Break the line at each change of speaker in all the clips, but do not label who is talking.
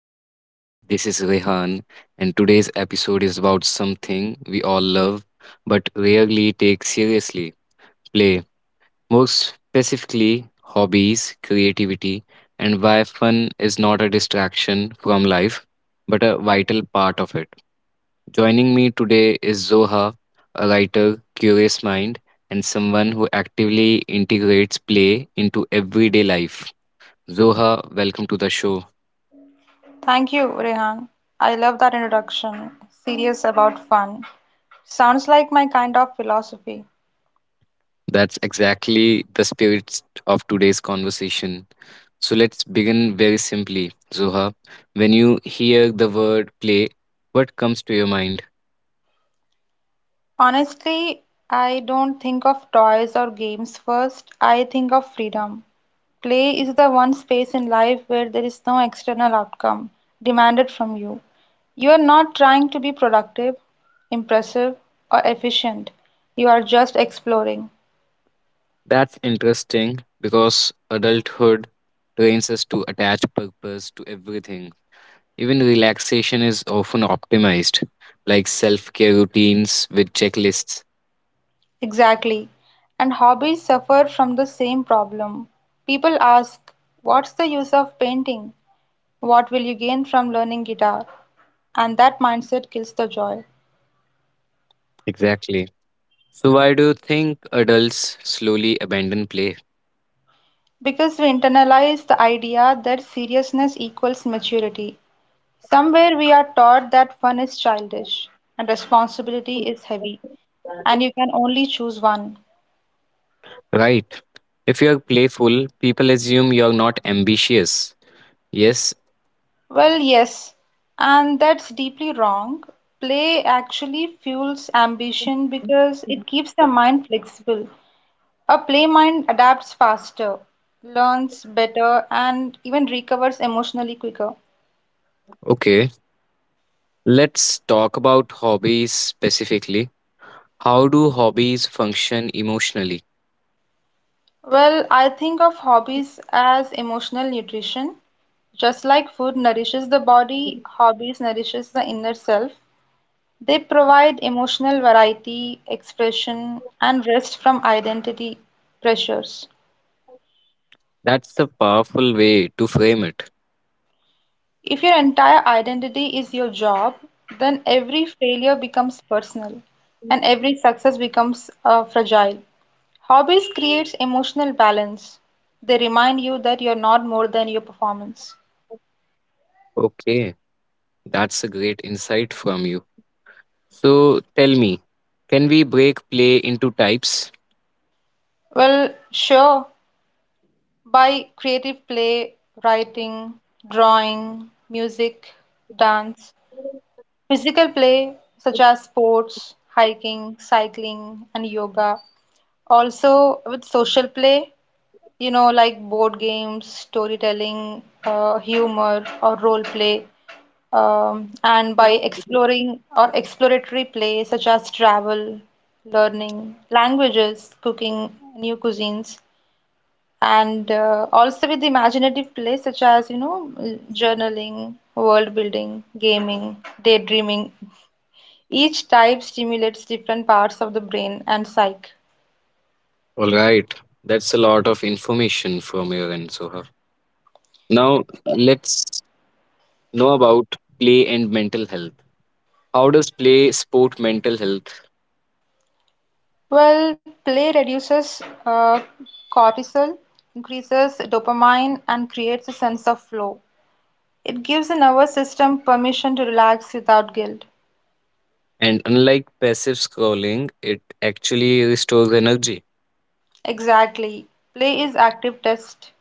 to the show. This is Rehan, and today's episode is about something we all love but rarely take seriously, play. More specifically, hobbies, creativity, and why fun is not a distraction from life but a vital part of it. Joining me today is Zoha, a writer, curious mind, and someone who actively integrates play into everyday life. Zoha, welcome to the show.
Thank you, Rehan. I love that introduction. Serious about fun. Sounds like my kind of philosophy.
That's exactly the spirit of today's conversation. So let's begin very simply. Zoha, when you hear the word play, what comes to your mind?
Honestly, I don't think of toys or games first. I think of freedom. Play is the one space in life where there is no external outcome demanded from you. You are not trying to be productive, impressive, or efficient. You are just exploring.
That's interesting because adulthood trains us to attach purpose to everything. Even relaxation is often optimized, like self care routines with checklists.
Exactly. And hobbies suffer from the same problem. People ask, what's the use of painting? What will you gain from learning guitar? And that mindset kills the joy.
Exactly. So, why do you think adults slowly abandon play?
Because we internalize the idea that seriousness equals maturity. Somewhere we are taught that fun is childish and responsibility is heavy, and you can only choose one.
Right. If you're playful, people assume you're not ambitious. Yes.
Well, yes, and that's deeply wrong. Play actually fuels ambition because it keeps the mind flexible. A play mind adapts faster, learns better, and even recovers emotionally quicker.
Okay. Let's talk about hobbies specifically. How do hobbies function emotionally?
Well, I think of hobbies as emotional nutrition. Just like food nourishes the body, hobbies nourishes the inner self. They provide emotional variety, expression, and rest from identity pressures.
That's a powerful way to frame it.
If your entire identity is your job, then every failure becomes personal and every success becomes fragile. Hobbies creates emotional balance. They remind you that you're not more than your performance.
Okay. That's a great insight from you. So tell me, can we break play into types?
Well, sure, by creative play, writing, drawing, music, dance, physical play such as sports, hiking, cycling, and yoga. Also with social play, you know, like board games, storytelling, humor, or role play, and by exploring or exploratory play such as travel, learning languages, cooking new cuisines, and also with imaginative play such as, you know, journaling, world building, gaming, daydreaming. Each type stimulates different parts of the brain and psyche.
All right. That's a lot of information from your end, Soha. Now, let's know about play and mental health. How does play support mental health?
Well, play reduces cortisol, increases dopamine, and creates a sense of flow. It gives the nervous system permission to relax without guilt.
And unlike passive scrolling, it actually restores energy.
Exactly. Play is active test.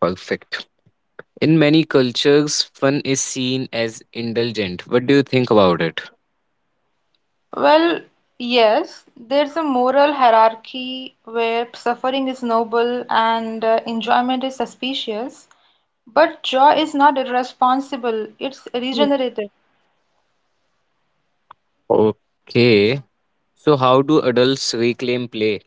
Perfect. In many cultures, fun is seen as indulgent. What do you think about it?
Well, yes, there's a moral hierarchy where suffering is noble and enjoyment is suspicious, but joy is not irresponsible, it's regenerative.
Okay. So, how do adults reclaim play?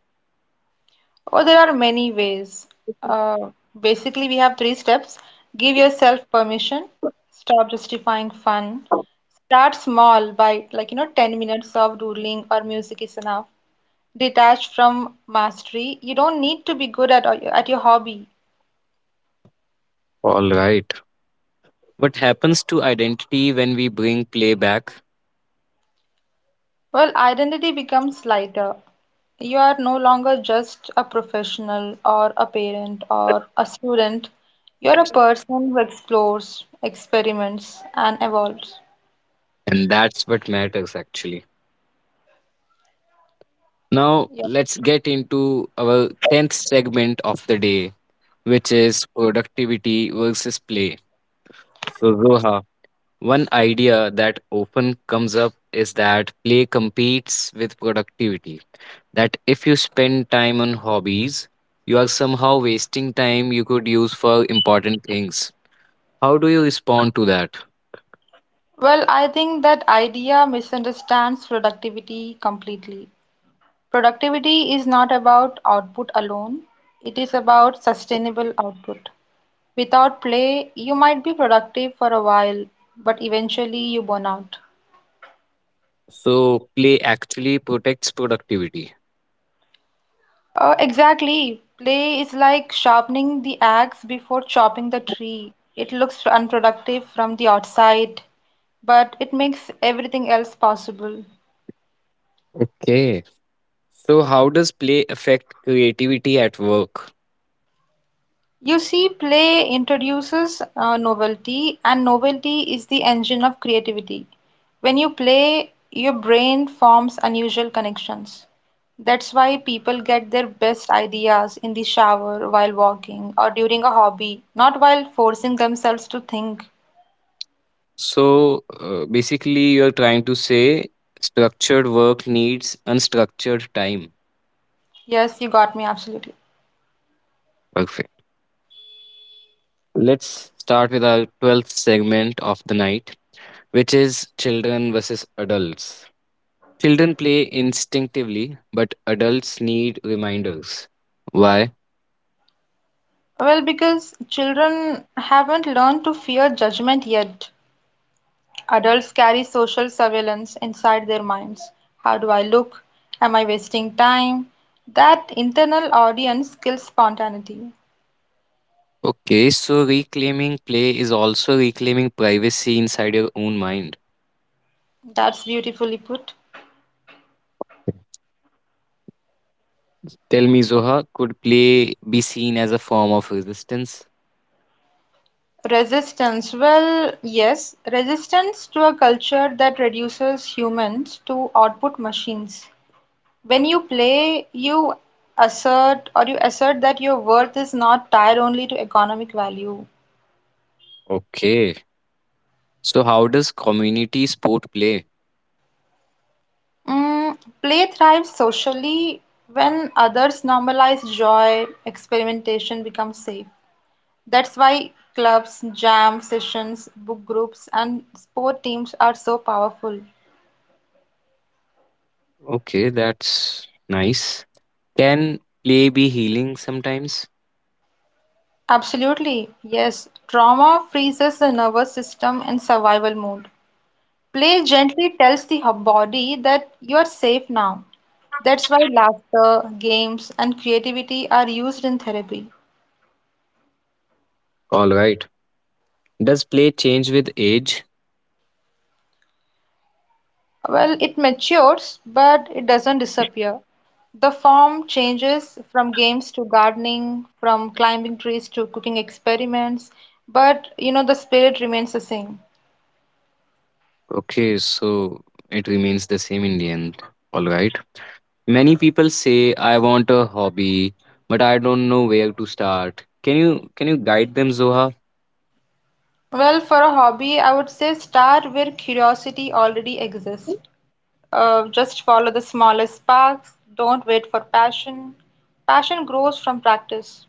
Oh, there are many ways. Uh, Basically, we have three steps. Give yourself permission. Stop justifying fun. Start small by like, you know, 10 minutes of doodling or music is enough. Detach from mastery. You don't need to be good at your hobby.
All right. What happens to identity when we bring play back?
Well, identity becomes lighter. You are no longer just a professional or a parent or a student. You're a person who explores, experiments, and evolves.
And that's what matters actually. Now,
Yeah.
let's get into our 10th segment of the day, which is productivity versus play. So, Zoha, one idea that often comes up is that play competes with productivity. That if you spend time on hobbies, you are somehow wasting time you could use for important things. How do you respond to that?
Well, I think that idea misunderstands productivity completely. Productivity is not about output alone, it is about sustainable output. Without play, you might be productive for a while, but eventually you burn out.
So, play actually protects productivity.
Exactly. Play is like sharpening the axe before chopping the tree. It looks unproductive from the outside, but it makes everything else possible.
Okay. So, how does play affect creativity at work?
You see, play introduces novelty, and novelty is the engine of creativity. When you play, your brain forms unusual connections. That's why people get their best ideas in the shower, while walking, or during a hobby, not while forcing themselves to think.
So basically, you're trying to say structured work needs unstructured time.
Yes, you got me absolutely.
Perfect. Let's start with our 12th segment of the night, which is children versus adults. Children play instinctively, but adults need reminders. Why?
Well, because children haven't learned to fear judgment yet. Adults carry social surveillance inside their minds. How do I look? Am I wasting time? That internal audience kills spontaneity.
Okay, so reclaiming play is also reclaiming privacy inside your own mind.
That's beautifully put.
Tell me, Zoha, could play be seen as a form of resistance?
Resistance. Well, yes, resistance to a culture that reduces humans to output machines. When you play, you assert or you assert that your worth is not tied only to economic value.
Okay. So, how does community sport play?
Mm, play thrives socially when others normalize joy, experimentation becomes safe. That's why clubs, jam sessions, book groups, and sport teams are so powerful.
Okay, that's nice. Can play be healing sometimes?
Absolutely, yes. Trauma freezes the nervous system in survival mode. Play gently tells the body that you are safe now. That's why laughter, games, and creativity are used in therapy.
All right. Does play change with age?
Well, it matures, but it doesn't disappear. The form changes from games to gardening, from climbing trees to cooking experiments, but you know, the spirit remains the same.
Okay, so it remains the same in the end. All right. Many people say I want a hobby, but I don't know where to start. Can you guide them, Zoha?
Well, for a hobby, I would say start where curiosity already exists. Just follow the smallest sparks, don't wait for passion. Passion grows from practice.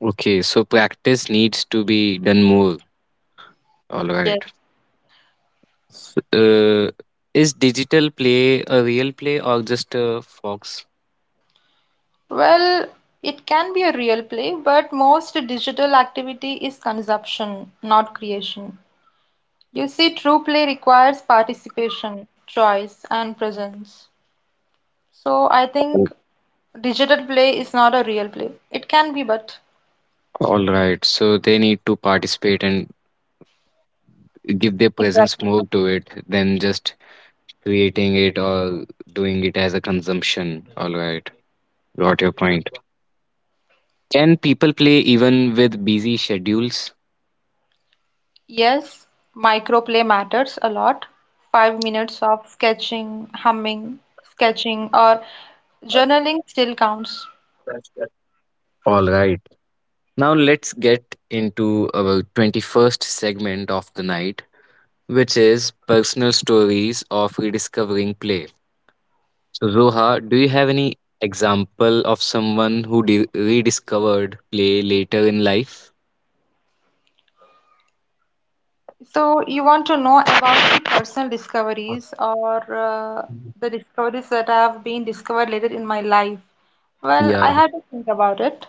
Okay, so practice needs to be done more. All
Yes.
right. S- Uh, is digital play a real play or just a fox?
Well, it can be a real play, but most digital activity is consumption, not creation. You see, true play requires participation, choice, and presence. So I think digital play is not a real play. It can be, but
All right. So they need to participate and give their presence
Exactly.
more to it than just creating it or doing it as a consumption. All right. Got your point. Can people play even with busy schedules?
Yes, microplay matters a lot. 5 minutes of sketching, humming, sketching, or journaling still counts.
All right. Now let's get into our 21st segment of the night, which is personal stories of rediscovering play. Roha, do you have any example of someone who rediscovered play later in life?
So you want to know about the personal discoveries or the discoveries that have been discovered later in my life? Well,
Yeah.
I had to think about it.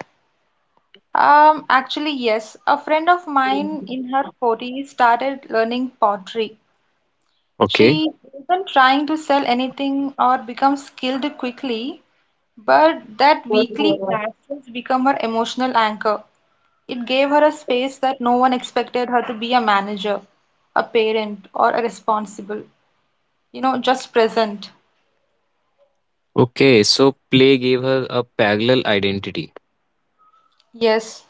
Actually, yes, a friend of mine in her 40s started learning pottery.
Okay.
She wasn't trying to sell anything or become skilled quickly, but that weekly classes become her emotional anchor. It gave her a space that no one expected her to be a manager, a parent, or a responsible, you know, just present.
Okay. So play gave her a parallel identity.
Yes.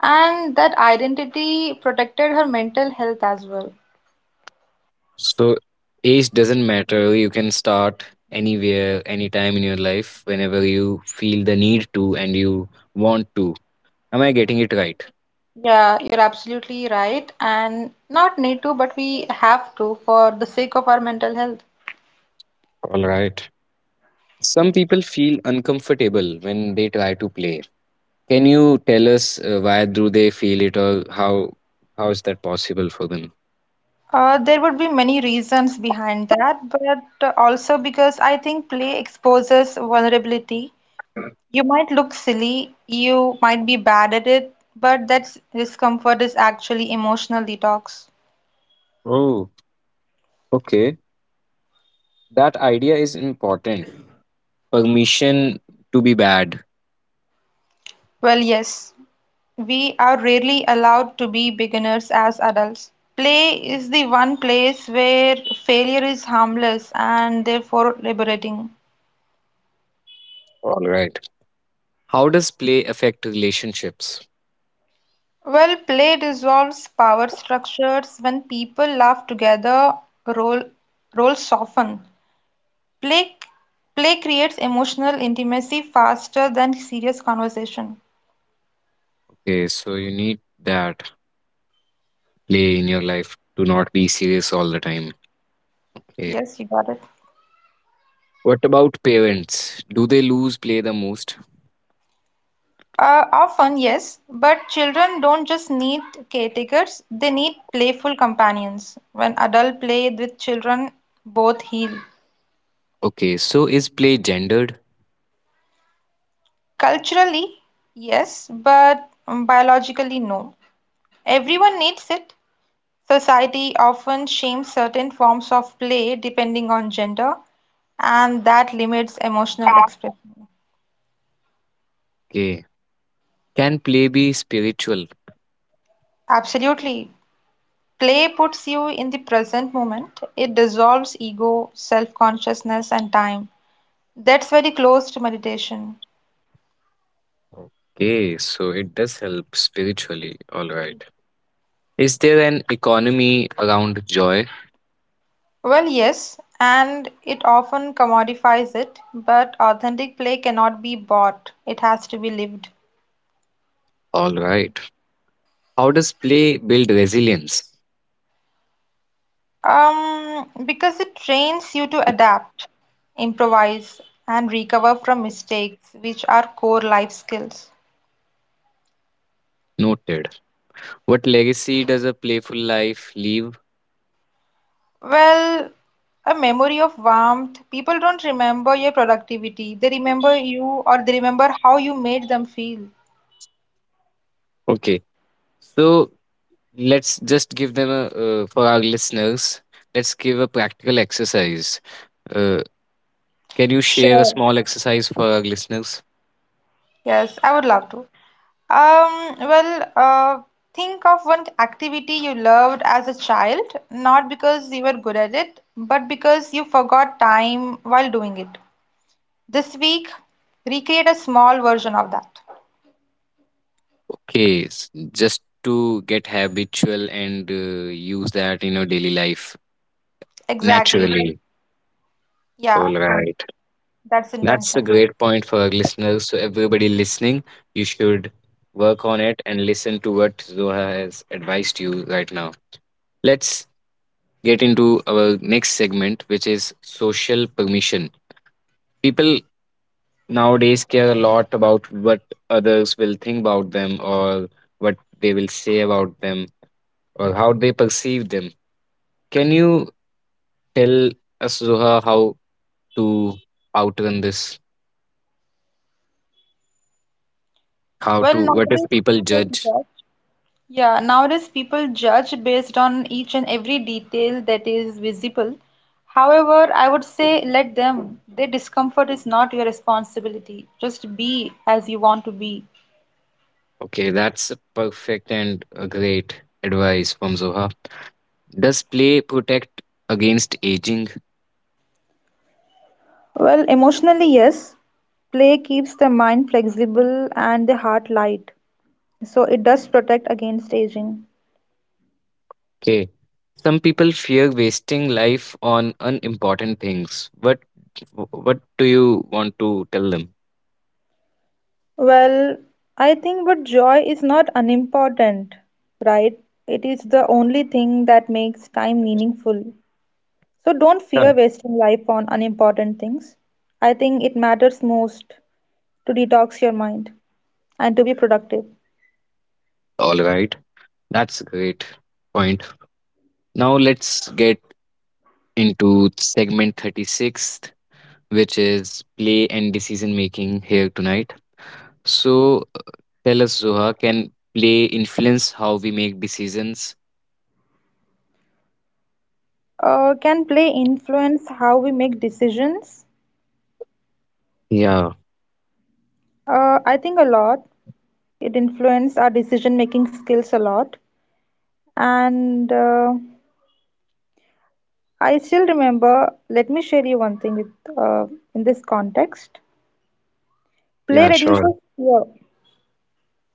And that identity protected her mental health as well.
So age doesn't matter. You can start anywhere, anytime in your life, whenever you feel the need to and you want to. Am I getting it right?
Yeah, you're absolutely right. And not need to, but we have to for the sake of our mental health.
All right. Some people feel uncomfortable when they try to play. Can you tell us, why do they feel it or how is that possible for them?
There would be many reasons behind that, but also because I think play exposes vulnerability. You might look silly, you might be bad at it, but that discomfort is actually emotional detox.
Oh, okay. That idea is important. Permission to be bad.
Well, yes, we are rarely allowed to be beginners as adults. Play is the one place where failure is harmless and therefore liberating.
All right. How does play affect relationships?
Well, play dissolves power structures when people laugh together, role, roles soften. Play, Play creates emotional intimacy faster than serious conversation.
Okay, so you need that play in your life to not be serious all the time. Okay.
Yes, you got it.
What about parents? Do they lose play the most?
Often, yes, but children don't just need caretakers, they need playful companions. When adult play with children, both heal.
Okay, so is play gendered?
Culturally, yes, but biologically, no. Everyone needs it. Society often shames certain forms of play depending on gender, and that limits emotional expression.
Can play be spiritual?
Absolutely. Play puts you in the present moment. It dissolves ego, self consciousness, and time. That's very close to meditation.
Okay, so it does help spiritually. All right. Is there an economy around joy?
Well, yes, and it often commodifies it, but authentic play cannot be bought, it has to be lived.
All right. How does play build resilience?
Because it trains you to adapt, improvise, and recover from mistakes, which are core life skills.
Noted. What legacy does a playful life leave?
Well, a memory of warmth. People don't remember your productivity. They remember you or they remember how you made them feel.
Okay. So let's just give them for our listeners, let's give a practical exercise. Uh, can you share a
Sure.
small exercise for our listeners?
Yes, I would love to. Um, well, uh, think of one activity you loved as a child, not because you were good at it, but because you forgot time while doing it. This week, recreate a small version of that.
Okay, just to get habitual and use that in your daily life
Exactly. Just-
naturally.
Yeah,
All right.
that's
That's a
intention.
great point for our listeners. So, everybody listening, you should work on it and listen to what Zoha has advised you right now. Let's get into our next segment, which is social permission. People nowadays care a lot about what others will think about them or what they will say about them or how they perceive them. Can you tell us, Zoha, how to outrun this? How
Well,
to, what if
nowadays
people
people
judge?
judge. Yeah, nowadays people judge based on each and every detail that is visible. However, I would say let them, their discomfort is not your responsibility. Just be as you want to be.
Okay, that's a perfect and a great advice from Zoha. Does play protect against aging?
Well, emotionally, yes. Play keeps the mind flexible and the heart light. So it does protect against aging.
Okay, some people fear wasting life on unimportant things. What do you want to tell them?
Well, I think but joy is not unimportant, right? It is the only thing that makes time meaningful. So don't
Yeah.
fear wasting life on unimportant things. I think it matters most to detox your mind and to be productive.
All right, that's a great point. Now let's get into segment 36th, which is play and decision making here tonight. So, tell us, Zoha, can play influence how we make decisions?
Can play influence how we make decisions?
Yeah,
I think a lot. It influenced our decision-making skills a lot. And I still remember, let me share you one thing with, in this context. Play
yeah, sure.
reduces fear.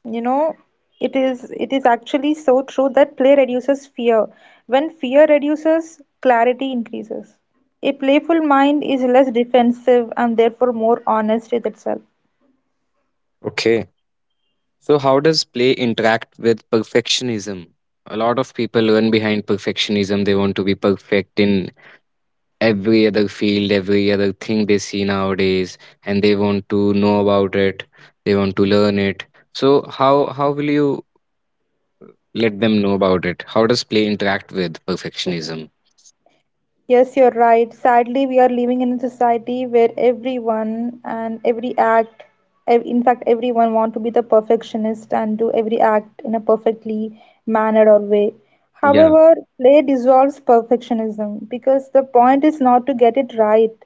You know, it is actually so true that play reduces fear. When fear reduces, clarity increases. A playful mind is less defensive and therefore more honest with itself.
Okay. So, how does play interact with perfectionism? A lot of people run behind perfectionism. They want to be perfect in every other field, every other thing they see nowadays, and they want to know about it. They want to learn it. So, how will you let them know about it. How does play interact with perfectionism?
Yes, you're right. Sadly, we are living in a society where everyone and every act, in fact, everyone want to be the perfectionist and do every act in a perfectly mannered or way.
Yeah.
However, play dissolves perfectionism because the point is not to get it right,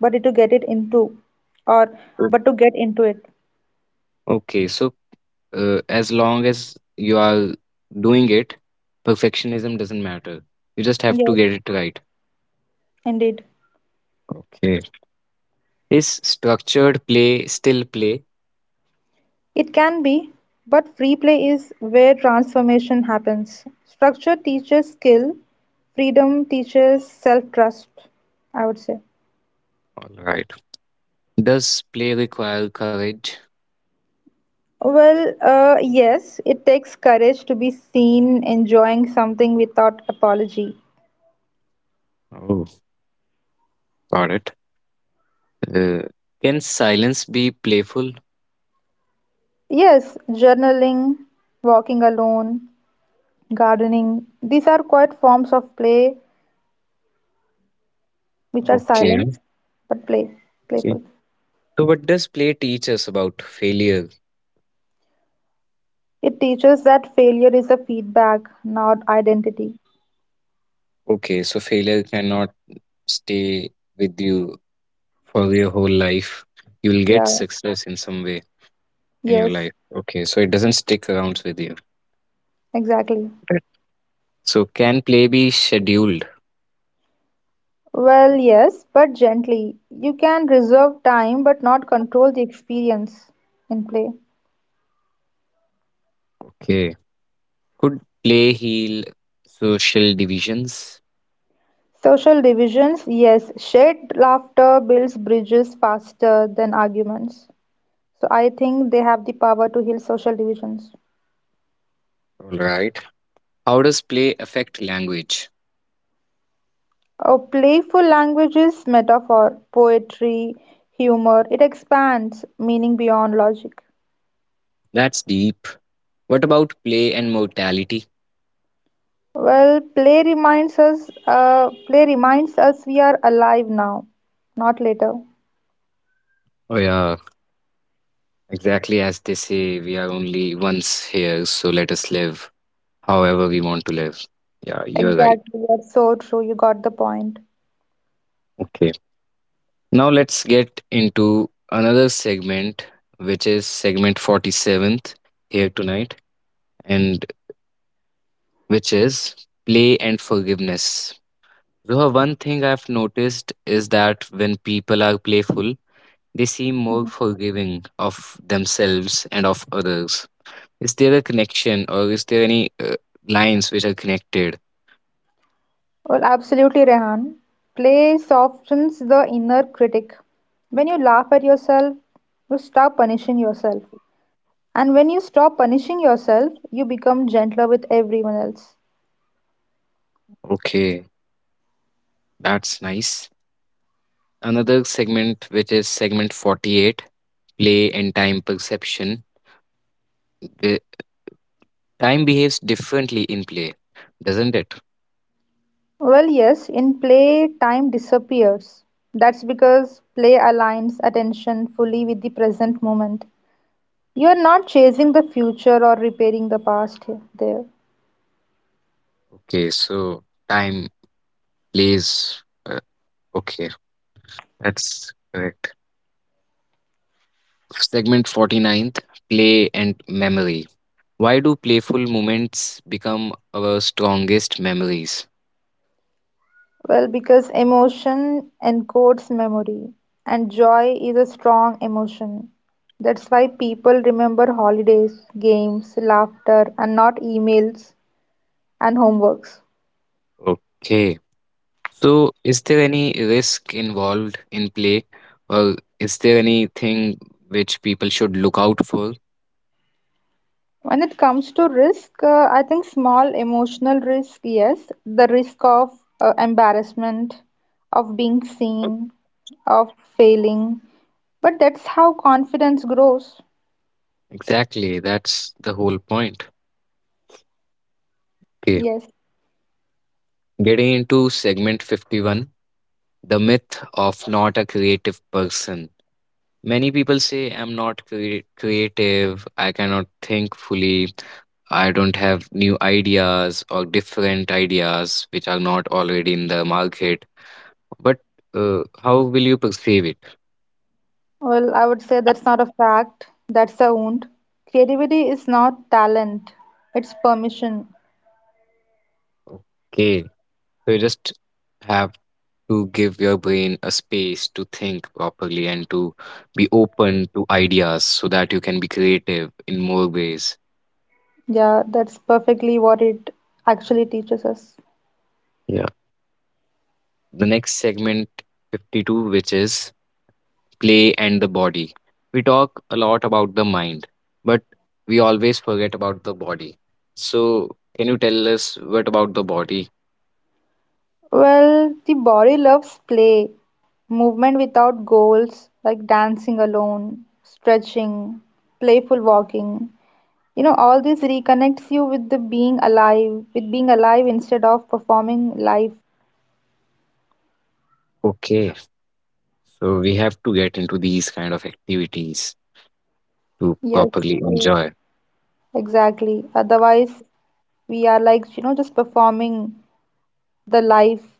but to get it into or
O-
but to get into it.
Okay. So, as long as you are doing it, perfectionism doesn't matter. You just have to
Yes,
get it right.
indeed.
Okay. Is structured play still play?
It can be, but free play is where transformation happens. Structure teaches skill, freedom teaches self-trust, I would say.
All right. Does play require courage?
Well, yes, it takes courage to be seen enjoying something without apology.
Oh, got it. Uh, can silence be playful?
Yes, journaling, walking alone, gardening, these are quite forms of play which are
Okay.
silent but
Okay.
playful.
So, what does play teach us about failure?
It teaches that failure is a feedback, not identity.
Okay, so failure cannot stay with you for your whole life. You'll
Yeah,
get success in some way in your
yes,
life. Okay, so it doesn't stick around with you.
exactly.
Right. So can play be scheduled?
Well, yes, but gently. You can reserve time but not control the experience in play.
Okay. Could play heal social divisions?
Social divisions, yes, shared laughter builds bridges faster than arguments. So I think they have the power to heal social divisions.
All right. How does play affect language?
A playful language is metaphor, poetry, humor. It expands meaning beyond logic.
That's deep. What about play and mortality?
Play reminds us we are alive now, not later.
Oh yeah, exactly as they say, we are only once here, so let us live, however we want to live. Yeah, you're right.
Exactly, you are so true. You got the point.
Okay. Now let's get into another segment, which is segment 47th here tonight, and which is play and forgiveness. Zoha, one thing I've noticed is that when people are playful, they seem more
Mhm.
forgiving of themselves and of others. Is there a connection or is there any, lines which are connected?
Well, absolutely, Rehan. Play softens the inner critic. When you laugh at yourself, you stop punishing yourself. And when you stop punishing yourself, you become gentler with everyone else.
Okay, that's nice. Another segment, which is segment 48, play and time perception. The time behaves differently in play, doesn't it?
Well, yes, in play, time disappears. That's because play aligns attention fully with the present moment. You are not chasing the future or repairing the past here, there.
Okay, so time plays. Okay, that's correct. Segment forty-ninth, play and memory. Why do playful moments become our strongest memories?
Well, because emotion encodes memory, and joy is a strong emotion. That's why people remember holidays, games, laughter, and not emails and homeworks.
Okay, so is there any risk involved in play, or is there anything which people should look out for?
When it comes to risk, I think small emotional risk, yes, the risk of embarrassment, of being seen, of failing, but that's how confidence grows.
Exactly, that's the whole point. Okay,
Yes.
getting into segment 51, the myth of not a creative person. Many people say, I'm not creative, I cannot think fully, I don't have new ideas or different ideas which are not already in the market. But, how will you perceive it?
Well, I would say that's not a fact, that's a wound. Creativity is not talent, it's permission.
Okay, so you just have to give your brain a space to think properly and to be open to ideas so that you can be creative in more ways.
Yeah, that's perfectly what it actually teaches us.
Yeah. The next segment 52, which is play and the body. We talk a lot about the mind, but we always forget about the body. So, can you tell us what about the body?
Well, the body loves play, movement without goals, like dancing alone, stretching, playful walking. You know, all this reconnects you with the being alive, with being alive instead of performing life.
Okay, so we have to get into these kind of activities to
Yes,
properly
e-
enjoy.
exactly. Otherwise, we are like, you know, just performing the life,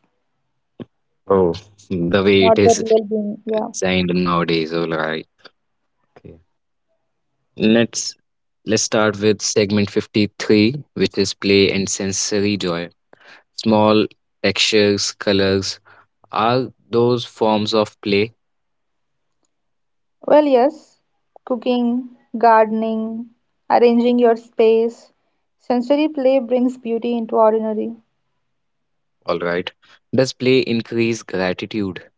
Oh, the way
not
it
the
is
real being. Yeah.
designed nowadays, all right. Okay. Let's let's start with segment 53, which is play and sensory joy. Small textures, colors are those forms of play.
Well, yes, cooking, gardening, arranging your space, sensory play brings beauty into ordinary.
All right. Does play increase gratitude?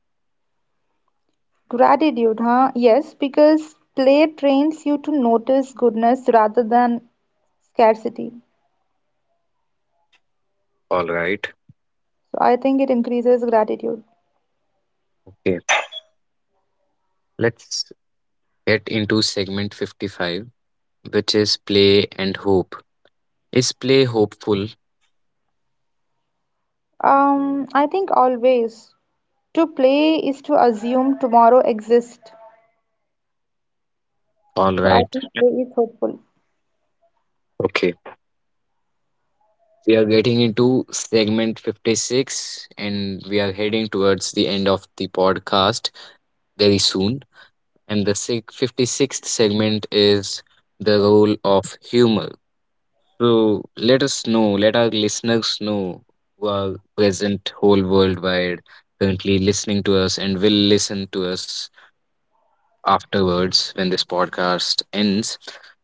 Gratitude, huh? Yes, because play trains you to notice goodness rather than scarcity.
All right.
So I think it increases gratitude.
Okay. Let's get into segment 55, which is play and hope. Is play hopeful?
I think always to play is to assume tomorrow exists.
All
So I
right.
think play is hopeful.
Okay. We are getting into segment 56 and we are heading towards the end of the podcast very soon. And the 56th segment is the role of humor. So let us know, let our listeners know who are present whole worldwide currently listening to us and will listen to us afterwards when this podcast ends.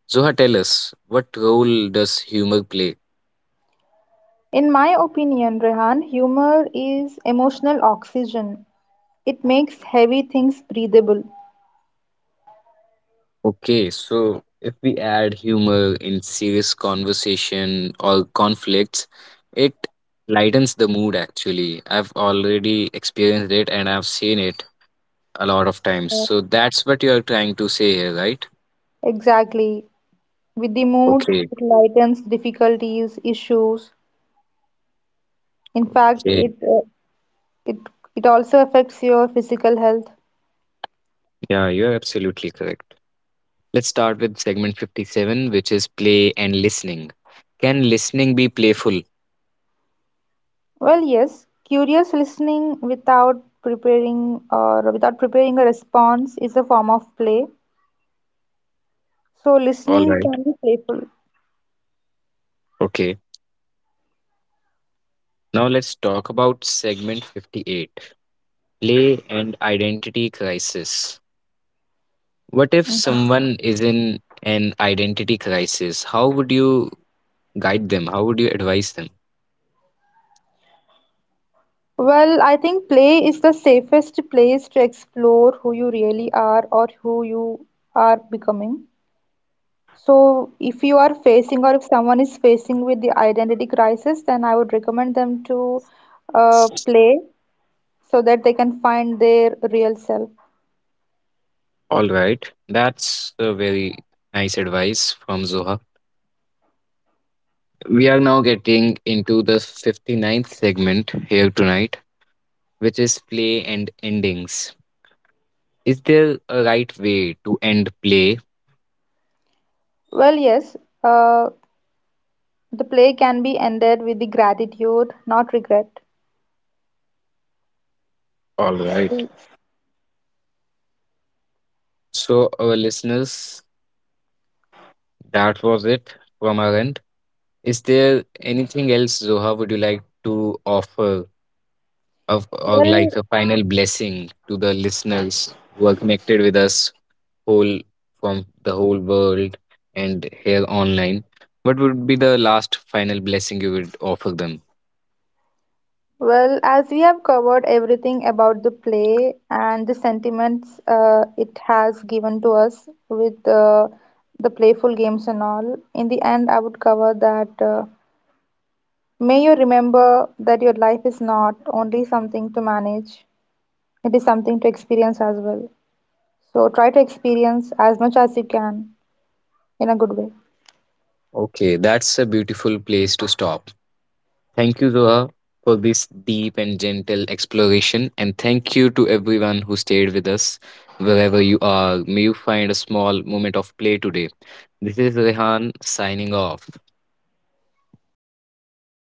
Zoha, tell us what role does humor play?
In my opinion, Rehan, humor is emotional oxygen. It makes heavy things breathable.
Okay, so if we add humor in serious conversation or conflicts, it lightens the mood actually. I've already experienced it and I've seen it a lot of times. So that's what you're trying to say here, right?
Exactly. With the mood,
Okay,
it lightens difficulties, issues. In fact,
okay.
it it also affects your physical health.
Yeah, you're absolutely correct. Let's start with segment 57, which is play and listening. Can listening be playful?
Well, yes, curious listening without preparing a response is a form of play. So
All
listening
right.
can be playful.
Okay. Now let's talk about segment 58. Play and identity crisis. What if
Mhm.
someone is in an identity crisis? How would you guide them? How would you advise them?
Well, I think play is the safest place to explore who you really are or who you are becoming. So, if you are facing or if someone is facing with the identity crisis, then I would recommend them to play so that they can find their real self.
All right, that's a very nice advice from Zoha. We are now getting into the fifty-ninth segment here tonight, which is play and endings. Is there a right way to end play?
Well, yes, uh, the play can be ended with the gratitude, not regret.
All right. So, our listeners, that was it from our end. Is there anything else, Zoha, would you like to offer or like
Well,
a final blessing to the listeners who are connected with us whole from the whole world and here online? What would be the last final blessing you would offer them?
well, as we have covered everything about the play and the sentiments it has given to us with the playful games and all, in the end, I would cover that. May you remember that your life is not only something to manage, it is something to experience as well. So try to experience as much as you can in a good way.
Okay, that's a beautiful place to stop. Thank you, Zoha, for this deep and gentle exploration. And thank you to everyone who stayed with us wherever you are. May you find a small moment of play today. This is Rehan signing off.